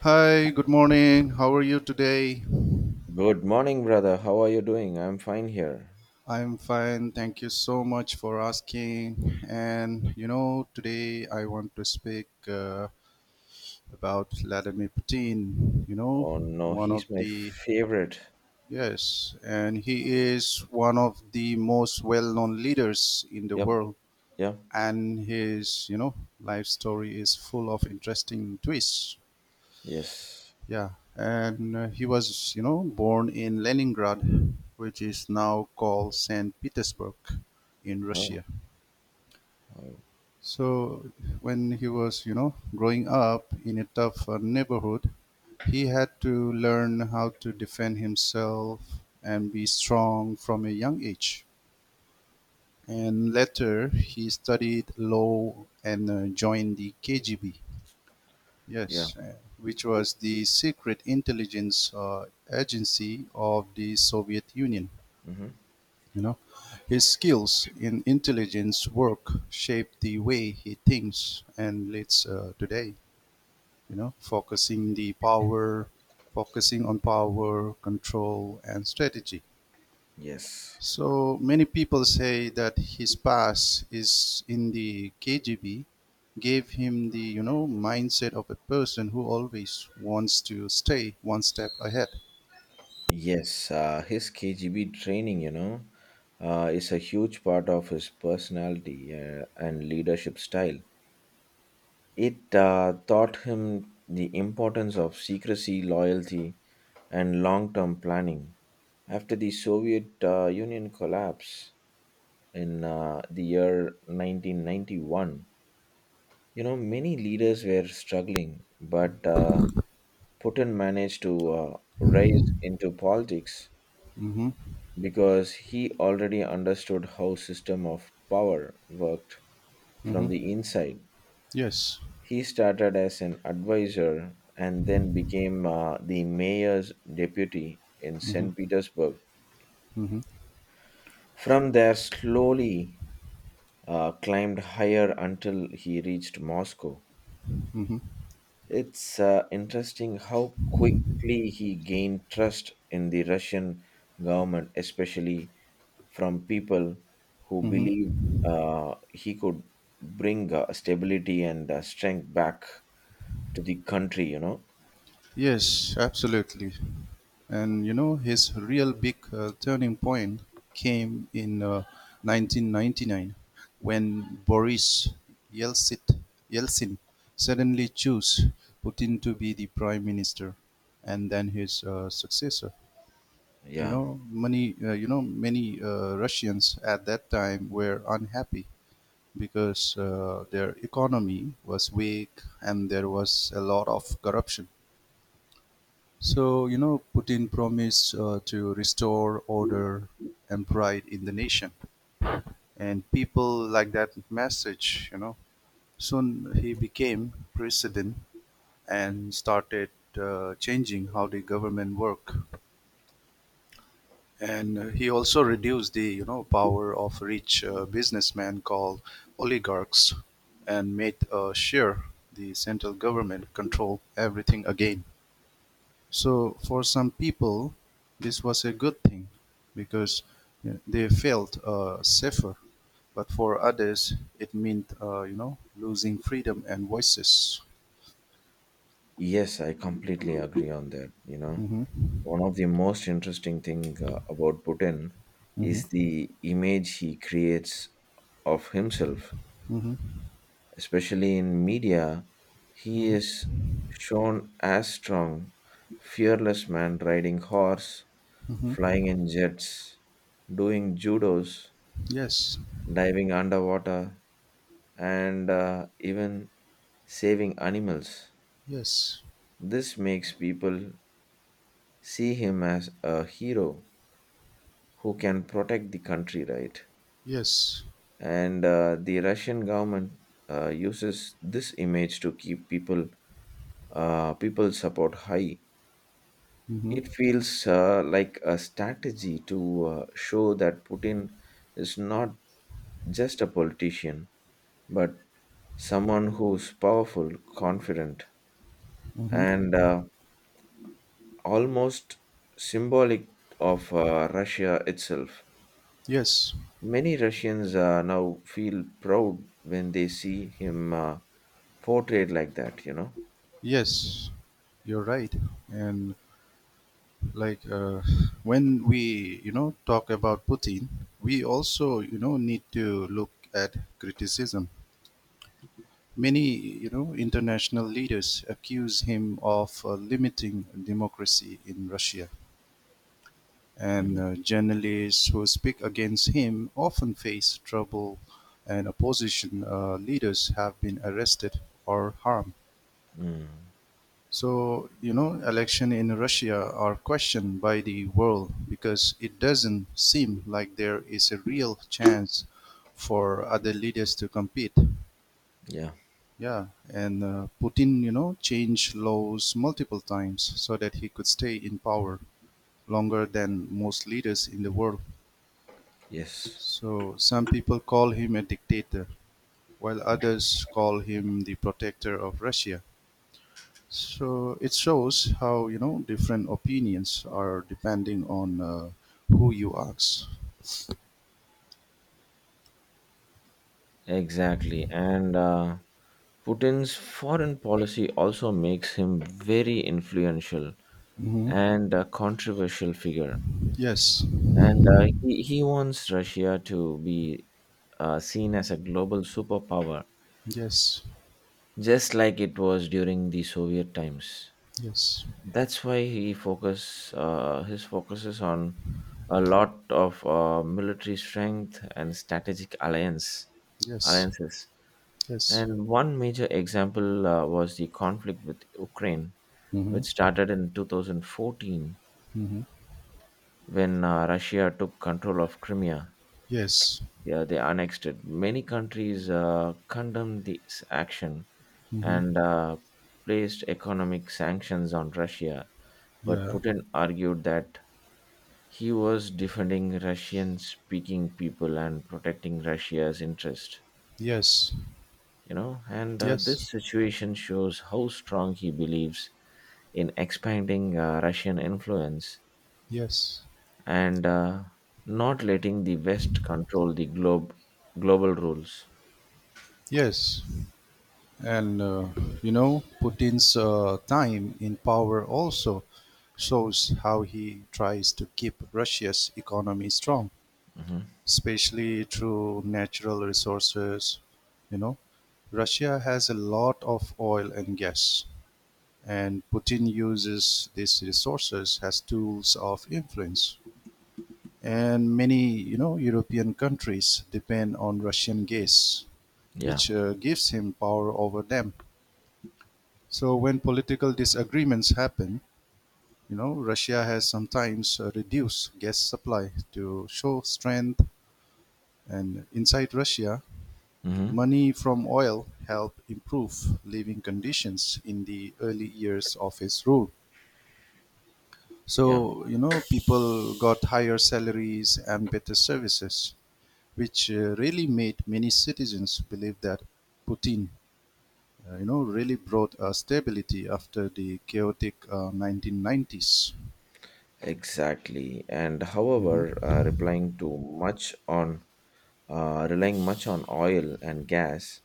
Hi, good morning. How are you today? Good morning, brother. How are you doing? I'm fine here. I'm fine. Thank you so much for asking. And today I want to speak about Vladimir Putin. You know, Oh no, one of he's my the favorite. yes, and he is one of the most well-known leaders in the Yep, world. yep, And his, life story is full of interesting twists. yes. Yeah, and he was, born in Leningrad, which is now called St. Petersburg in Oh, Russia. oh So when he was, growing up in a tough neighborhood, he had to learn how to defend himself and be strong from a young age. And later, he studied law and joined the KGB. yeah. Yes, which was the secret intelligence agency of the Soviet Union. Mm-hmm. You know, his skills in intelligence work shaped the way he thinks and leads today. You know, focusing the power, focusing on power, control, and strategy. Yes, So many people say that his past is in the KGB gave him the mindset of a person who always wants to stay one step ahead. yes. His KGB training, is a huge part of his personality and leadership style. It taught him the importance of secrecy, loyalty, and long-term planning. After the Soviet Union collapse, in the year 1991. Many leaders were struggling, but Putin managed to rise into politics Mm-hmm. because he already understood how system of power worked from Mm-hmm. the inside. Yes. He started as an advisor and then became the mayor's deputy in Mm-hmm. St. Petersburg. Mm-hmm. From there, slowly climbed higher until he reached Moscow. Mm-hmm. It's interesting how quickly he gained trust in the Russian government, especially from people who Mm-hmm. believed he could bring stability and strength back to the country, you know? Yes, absolutely. And his real big turning point came in 1999 when Boris Yeltsin, Yeltsin suddenly chose Putin to be the prime minister and then his successor. You Yeah. know, many uh, you know many uh, Russians at that time were unhappy because their economy was weak and there was a lot of corruption. So Putin promised to restore order and pride in the nation, and people like that message. Soon he became president and started changing how the government work. And he also reduced the power of rich businessmen called oligarchs and made sure the central government control everything again. So for some people, this was a good thing because they felt safer. But for others, it meant losing freedom and voices. Yes, I completely agree on that, you know? Hmm. One of the most interesting thing about Putin Hmm. is the image he creates of himself, Hmm. especially in media. He Hmm. is shown as strong, fearless man riding horse, Hmm. flying in jets, doing judos, Yes. diving underwater, and even saving animals. Yes. This makes people see him as a hero who can protect the country, right? Yes. And the Russian government uses this image to keep people support high. Hmm. It feels like a strategy to show that Putin is not just a politician, but someone who's powerful, confident, Hmm. and almost symbolic of Russia itself. Yes. Many Russians now feel proud when they see him portrayed like that, you know? Yes, you're right. And like when we, talk about Putin, we also, need to look at criticism. Many, international leaders accuse him of limiting democracy in Russia. And Mm, journalists who speak against him often face trouble, and opposition leaders have been arrested or harmed. mm, So, election in Russia are questioned by the world because it doesn't seem like there is a real chance for other leaders to compete. yeah, Yeah, and Putin, changed laws multiple times so that he could stay in power longer than most leaders in the world. yes. So some people call him a dictator, while others call him the protector of Russia. So it shows how different opinions are depending on who you ask. Exactly. And Putin's foreign policy also makes him very influential Hmm. and a controversial figure. Yes, And he wants Russia to be seen as a global superpower, yes, just like it was during the Soviet times. yes, That's why he focus his focuses on a lot of military strength and strategic alliance yes, alliances. yes. And one major example was the conflict with Ukraine, Hmm. which started in 2014 Hmm. when Russia took control of Crimea. Yes. Yeah, they annexed it. Many countries condemned this action Hmm. and placed economic sanctions on Russia. But Yeah. Putin argued that he was defending Russian speaking people and protecting Russia's interest. Yes. And Yes. this situation shows how strong he believes in expanding Russian influence Yes. and not letting the West control the globe global rules. Yes. And Putin's time in power also shows how he tries to keep Russia's economy strong, Hmm. especially through natural resources. You know, Russia has a lot of oil and gas, and Putin uses these resources as tools of influence. And many, European countries depend on Russian gas, Yeah. which gives him power over them. So when political disagreements happen, Russia has sometimes reduced gas supply to show strength. And inside Russia, Hmm. money from oil helped improve living conditions in the early years of his rule. Yeah. So, people got higher salaries and better services, which really made many citizens believe that Putin really brought stability after the chaotic 1990s. Exactly. And however, Mm-hmm. Replying to much on relying much on oil and gas,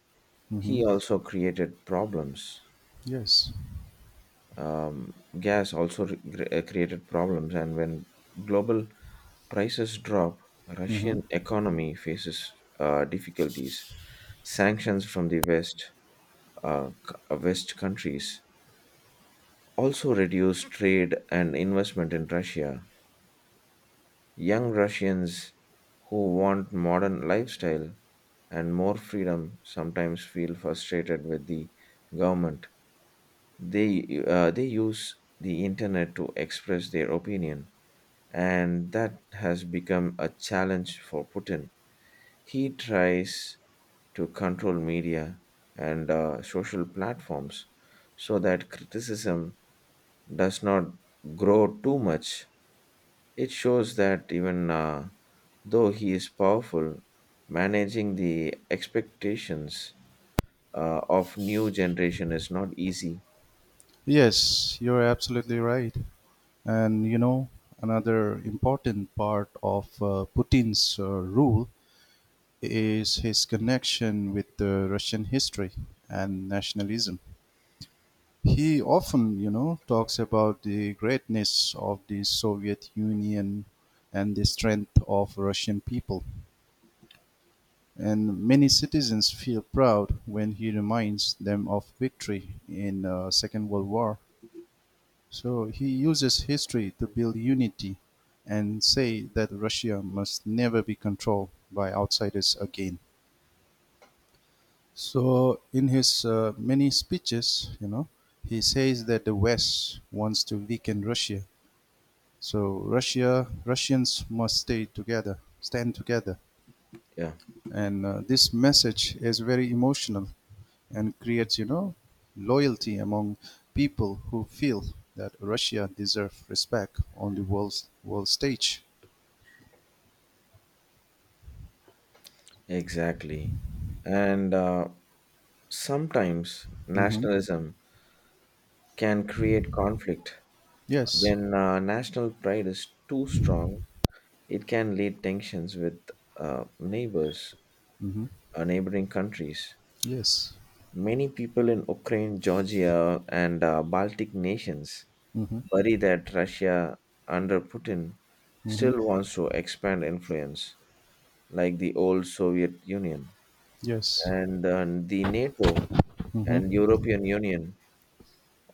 Mm-hmm. he also created problems. Yes. Gas also created problems, and when global prices drop, Mm-hmm. Russian economy faces difficulties. Sanctions from West countries also reduced trade and investment in Russia. Young Russians who want modern lifestyle and more freedom sometimes feel frustrated with the government. They use the internet to express their opinion, and that has become a challenge for Putin. He tries to control media and social platforms so that criticism does not grow too much. It shows that even though he is powerful, managing the expectations of new generation is not easy. Yes, you're absolutely right. And another important part of Putin's rule is his connection with the Russian history and nationalism. He often, talks about the greatness of the Soviet Union and the strength of Russian people. And many citizens feel proud when he reminds them of victory in Second World War. So he uses history to build unity and say that Russia must never be controlled by outsiders again. So in his many speeches, he says that the West wants to weaken Russia. So Russians must stay together, stand together. Yeah, And this message is very emotional and creates, loyalty among people who feel that Russia deserves respect on the world stage. exactly. And sometimes Mm-hmm. nationalism can create conflict Yes. when national pride is too strong. It can lead tensions with uh, neighbors, Mm-hmm. Neighboring countries. Yes. Many people in Ukraine, Georgia, and Baltic nations Mm-hmm. worry that Russia under Putin Mm-hmm. still wants to expand influence, like the old Soviet Union. Yes. And the NATO and European Union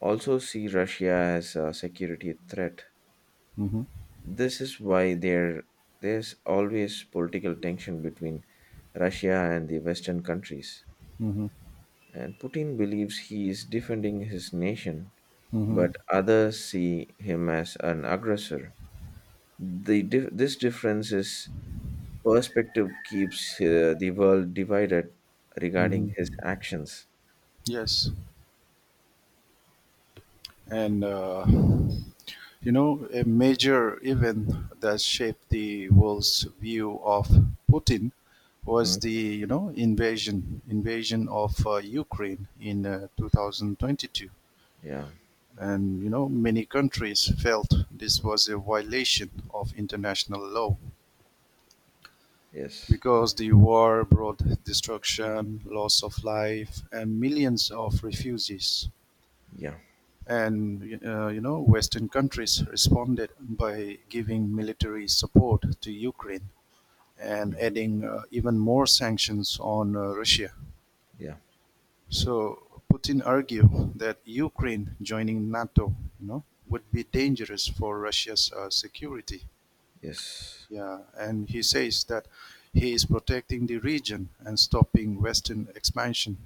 also see Russia as a security threat. Mm-hmm. This is why there's always political tension between Russia and the Western countries. Mm-hmm. And Putin believes he is defending his nation, Mm-hmm. but others see him as an aggressor. This difference is perspective keeps the world divided regarding his Mm-hmm. actions. Yes. And a major event that shaped the world's view of Putin was Mm, the invasion of Ukraine in 2022. yeah. And many countries felt this was a violation of international law. Yes. Because the war brought destruction, loss of life, and millions of refugees. Yeah. And Western countries responded by giving military support to Ukraine and Mm, adding even more sanctions on Russia. yeah. So Putin argued that Ukraine joining NATO, would be dangerous for Russia's security. Yes. Yeah, and he says that he is protecting the region and stopping Western expansion.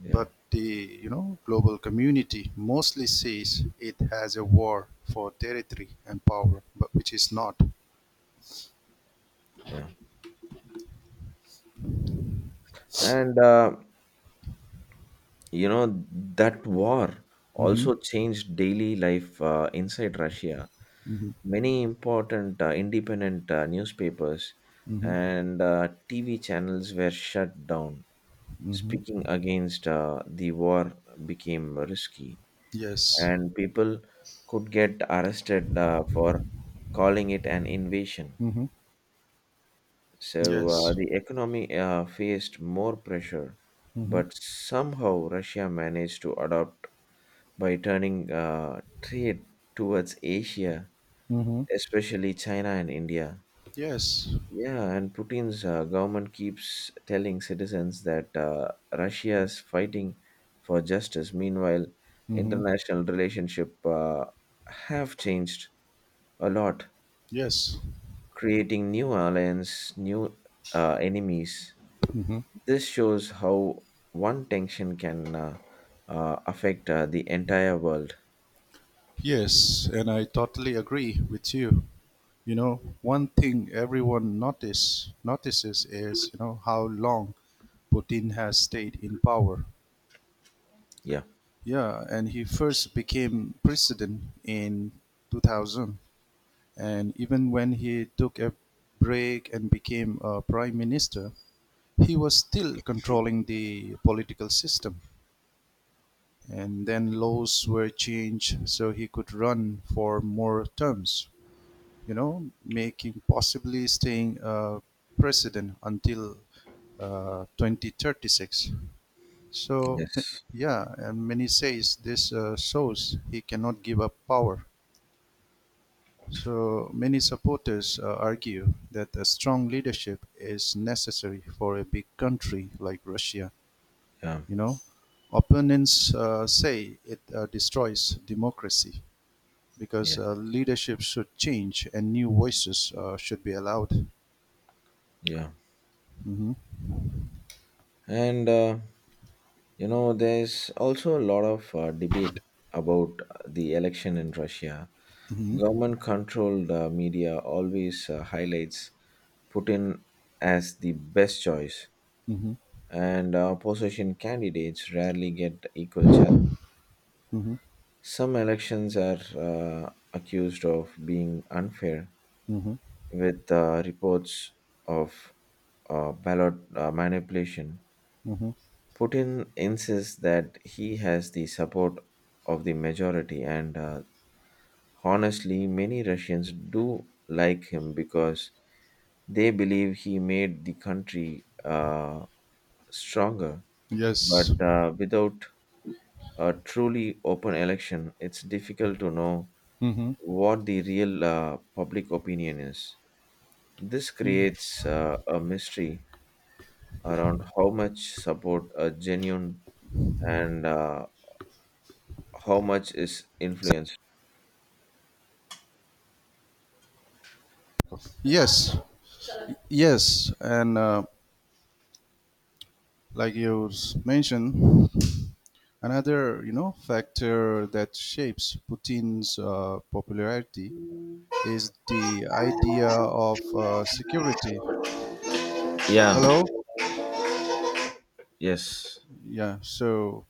Yeah. But the global community mostly sees it as a war for territory and power, but which is not. Yeah. And you know that war Mm-hmm. also changed daily life inside Russia. Mm-hmm. Many important independent newspapers Mm-hmm. and TV channels were shut down. Speaking Mm-hmm. against the war became risky, Yes. and people could get arrested for calling it an invasion. Mm-hmm. So Yes. the economy faced more pressure, Mm-hmm. but somehow Russia managed to adapt by turning trade towards Asia, Mm-hmm. especially China and India. Yes. Yeah, and Putin's government keeps telling citizens that Russia is fighting for justice. Meanwhile, Mm-hmm. international relationship have changed a lot, Yes. creating new alliance, new enemies. Mm-hmm. This shows how one tension can affect the entire world. Yes, and I totally agree with you. One thing everyone notices is, how long Putin has stayed in power. Yeah. Yeah, and he first became president in 2000, and even when he took a break and became a prime minister, he was still controlling the political system. And then laws were changed so he could run for more terms, making possibly staying president until 2036. So Yes. yeah, and many says this shows he cannot give up power. So many supporters argue that a strong leadership is necessary for a big country like Russia. Yeah. You know, opponents say it destroys democracy Yeah. because leadership should change and new voices should be allowed. Yeah. Mhm. And there's also a lot of debate about the election in Russia. Mm-hmm. Government-controlled media always highlights Putin as the best choice, Mm-hmm. and opposition candidates rarely get equal chance. Mm-hmm. Some elections are accused of being unfair, Mm-hmm. with reports of ballot manipulation. Mm-hmm. Putin insists that he has the support of the majority, and honestly, many Russians do like him because they believe he made the country stronger. Yes. But without a truly open election, it's difficult to know Mm-hmm. what the real public opinion is. This Yeah. creates a mystery around how much support a genuine and how much is influenced. Yes. Yes. And like you mentioned, another factor that shapes Putin's popularity is the idea of security. Yeah. Hello. Yes. Yeah. So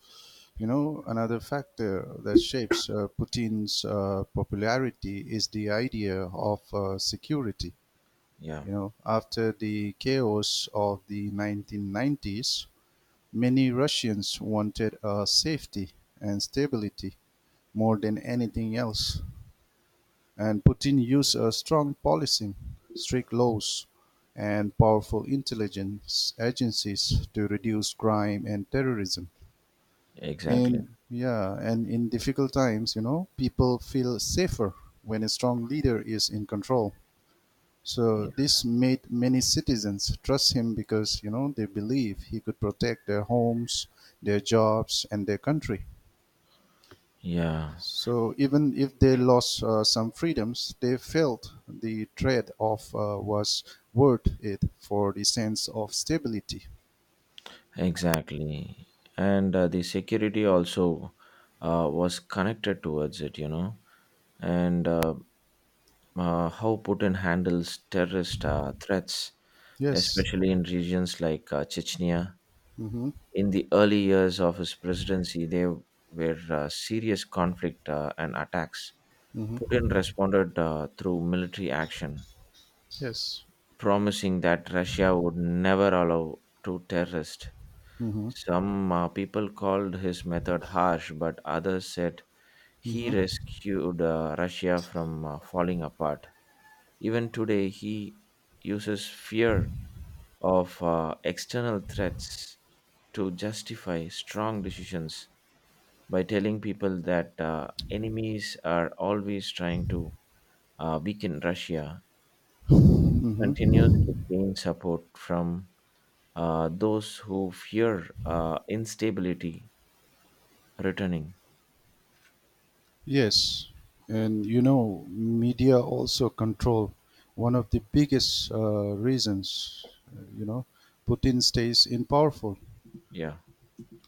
another factor that shapes Putin's popularity is the idea of security. Yeah. After the chaos of the 1990s, many Russians wanted safety and stability more than anything else. And Putin used a strong policy, strict laws, and powerful intelligence agencies to reduce crime and terrorism. Exactly. In yeah, and in difficult times, people feel safer when a strong leader is in control. So Yeah, this made many citizens trust him because they believe he could protect their homes, their jobs, and their country. yeah, So even if they lost some freedoms, they felt the trade-off was worth it for the sense of stability. exactly. And the security also was connected towards it, and how Putin handles terrorist threats, Yes. especially in regions like Chechnya. Mm-hmm. In the early years of his presidency there were serious conflict and attacks. Mm-hmm. Putin responded through military action, Yes. promising that Russia would never allow two terrorists. Mm-hmm. Some people called his method harsh, but others said he Mm-hmm. rescued Russia from falling apart. Even today, he uses fear of external threats to justify strong decisions by telling people that enemies are always trying to weaken Russia. He continues Mm-hmm. to gain support from those who fear instability returning. Yes, and media also control one of the biggest reasons. Putin stays in powerful. Yeah.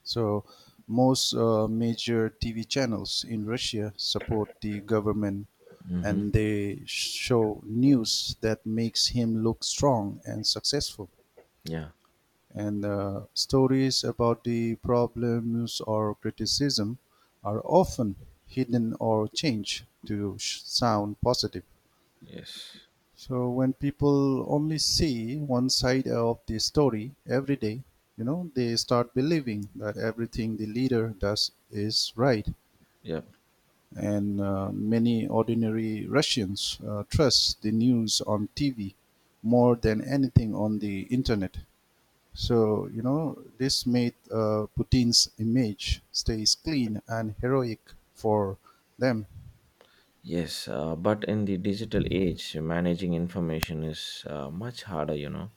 So most major TV channels in Russia support the government, Mm-hmm. and they show news that makes him look strong and successful, Yeah. and stories about the problems or criticism are often hidden or changed to sound positive. Yes. So when people only see one side of the story every day, they start believing that everything the leader does is right. Yep. And many ordinary Russians trust the news on TV more than anything on the internet. So, this made Putin's image stays clean and heroic for them. Yes. But in the digital age, managing information is much harder.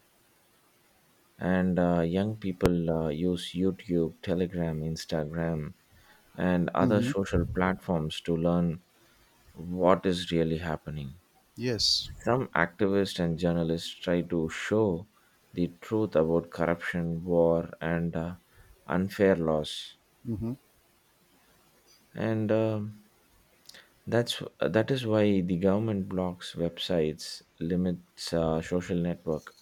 And young people use YouTube, Telegram, Instagram, and other Mm-hmm. social platforms to learn what is really happening. Yes. Some activists and journalists try to show the truth about corruption, war, and unfair laws, Mm-hmm. and that's that is why the government blocks websites, limits social network,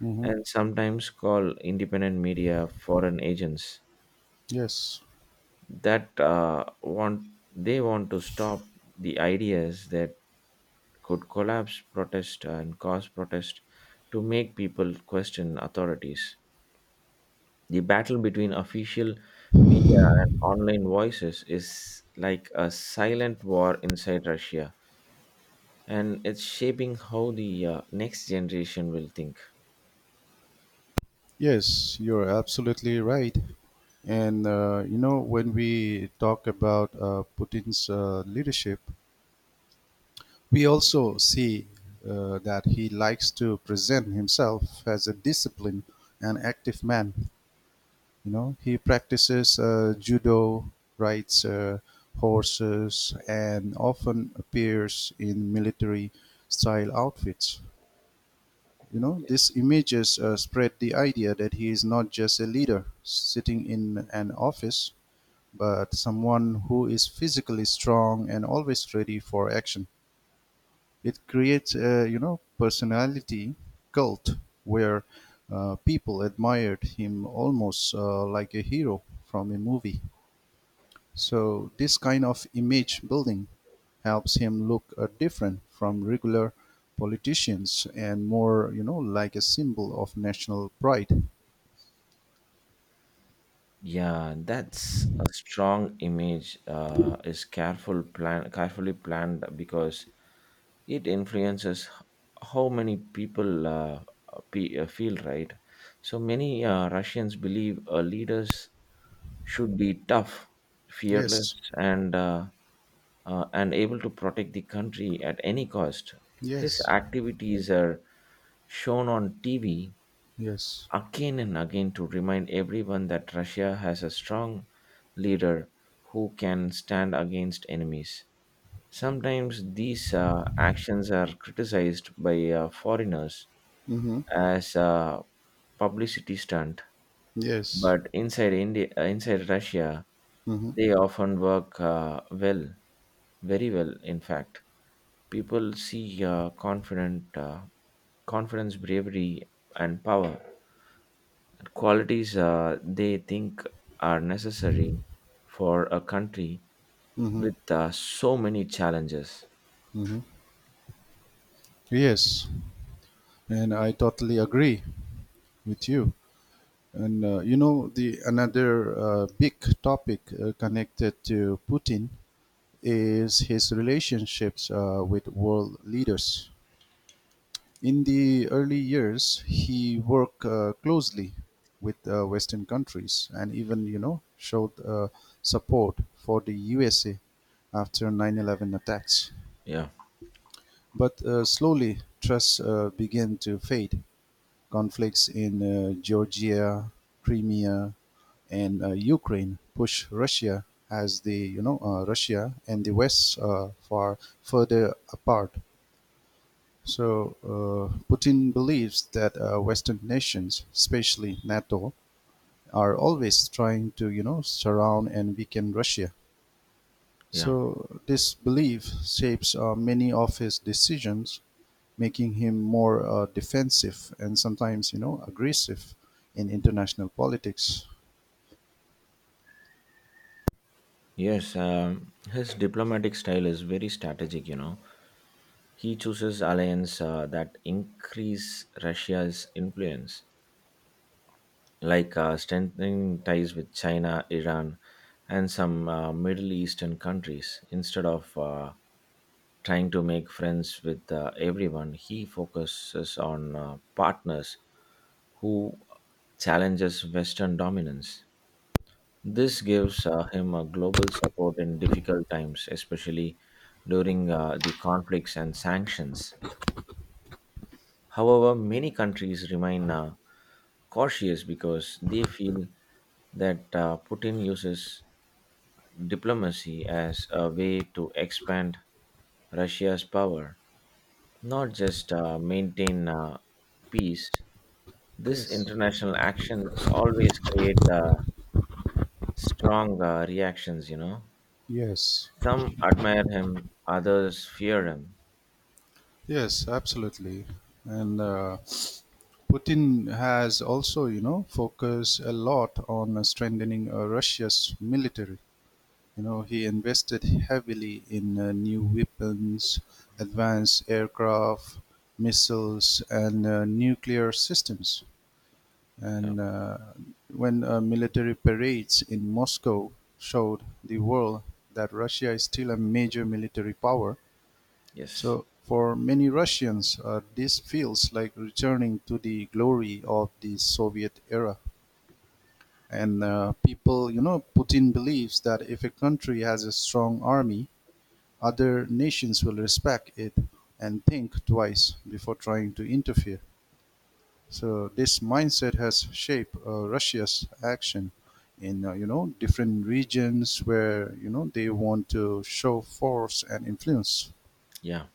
Mm-hmm. and sometimes call independent media foreign agents Yes. that want they want to stop the ideas that could collapse protest and cause protest to make people question authorities. The battle between official media and online voices is like a silent war inside Russia, and it's shaping how the next generation will think. Yes, you're absolutely right. And, when we talk about Putin's leadership, we also see that he likes to present himself as a disciplined and active man. He practices judo, rides horses, and often appears in military-style outfits. These images spread the idea that he is not just a leader sitting in an office, but someone who is physically strong and always ready for action. It creates a personality cult where people admired him almost like a hero from a movie. So this kind of image building helps him look different from regular politicians and more, like a symbol of national pride. Yeah, that's a strong image. Carefully planned because it influences how many people feel. Right, so many Russians believe leaders should be tough, fearless, Yes, and and able to protect the country at any cost. His yes, activities are shown on TV yes, again and again to remind everyone that Russia has a strong leader who can stand against enemies. Sometimes these actions are criticized by foreigners mm-hmm. as a publicity stunt, Yes, but inside Russia, mm-hmm. they often work well, very well, in fact. People see confident confidence, bravery, and power, and qualities they think are necessary for a country Mm-hmm. with so many challenges. Mm-hmm. Yes, and I totally agree with you. And you know, the another big topic connected to Putin is his relationships with world leaders. In the early years, he worked closely with Western countries and even, showed support for the USA after 9/11 attacks. Yeah, But slowly, trust began to fade. Conflicts in Georgia, Crimea, and Ukraine push Russia as the Russia and the West far further apart. So Putin believes that Western nations, especially NATO, are always trying to surround and weaken Russia. yeah, So this belief shapes many of his decisions, making him more defensive and sometimes aggressive in international politics. yes. His diplomatic style is very strategic, he chooses alliance that increase Russia's influence, like strengthening ties with China, Iran, and some Middle Eastern countries instead of trying to make friends with everyone. He focuses on partners who challenges Western dominance. This gives him a global support in difficult times, especially during the conflicts and sanctions. However, many countries remain cautious because they feel that Putin uses diplomacy as a way to expand Russia's power, not just maintain peace. This Yes, international actions always create strong reactions. You know, yes, some admire him, others fear him. yes, absolutely. And Putin has also, focused a lot on strengthening Russia's military. He invested heavily in new weapons, advanced aircraft, missiles, and nuclear systems. Yeah. And when military parades in Moscow showed the world that Russia is still a major military power, Yes, so for many Russians, this feels like returning to the glory of the Soviet era. And Putin believes that if a country has a strong army, other nations will respect it and think twice before trying to interfere. So this mindset has shaped Russia's action in different regions where they want to show force and influence. yeah.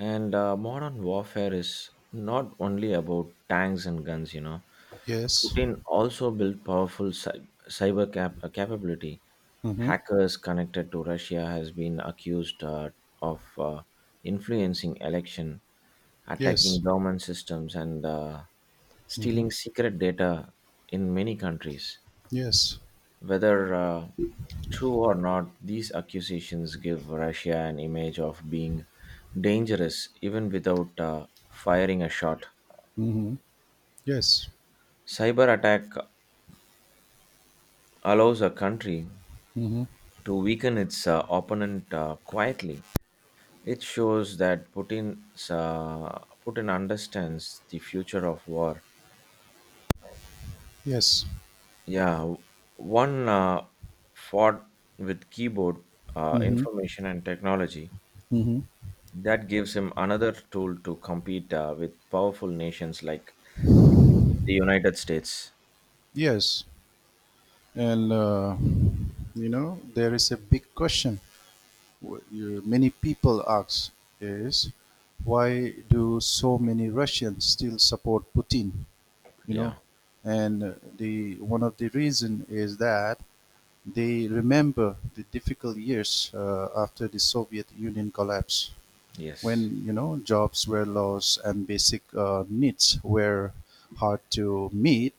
And modern warfare is not only about tanks and guns. You know, Yes. Putin also built powerful cyber capability. Mm-hmm. Hackers connected to Russia has been accused of influencing election Yes. attacking government systems and Mm-hmm. stealing secret data in many countries. Yes. Whether true or not, these accusations give Russia an image of being dangerous even without firing a shot. Mm-hmm. Yes. Cyber attack allows a country Mm-hmm. to weaken its opponent quietly. It shows that Putin understands the future of war. Yes. Yeah, one fought with keyboard Mm-hmm. information and technology. Mm-hmm. That gives him another tool to compete with powerful nations like the United States. Yes. And there is a big question many people ask, is why do so many Russians still support Putin? You know, Yeah, and the one of the reason is that they remember the difficult years after the Soviet Union collapse, yes. when jobs were lost and basic needs were hard to meet.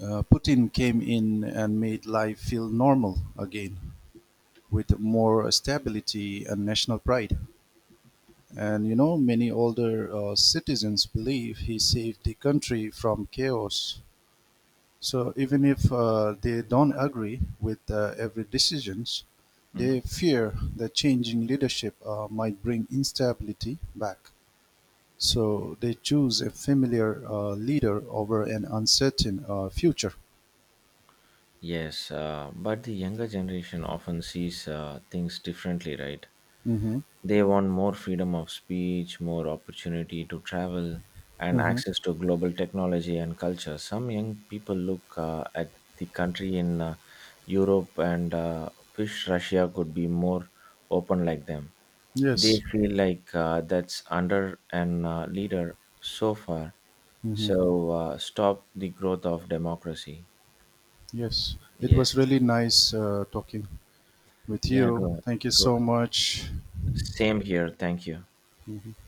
Putin came in and made life feel normal again, with more stability and national pride. And many older citizens believe he saved the country from chaos. So even if they don't agree with every decisions, Mhm. they fear that changing leadership might bring instability back. So they choose a familiar leader over an uncertain future. Yes, but the younger generation often sees things differently, right? Mm-hmm. They want more freedom of speech, more opportunity to travel, and Mm-hmm. access to global technology and culture. Some young people look at the country in Europe and wish Russia could be more open like them. They Yes. feel like that's under an leader so far. Mm-hmm. So stop the growth of democracy. Yes. It Yes. was really nice talking with Yeah, it you. was, Thank you it was. so much. Same here. Thank you. Mhm.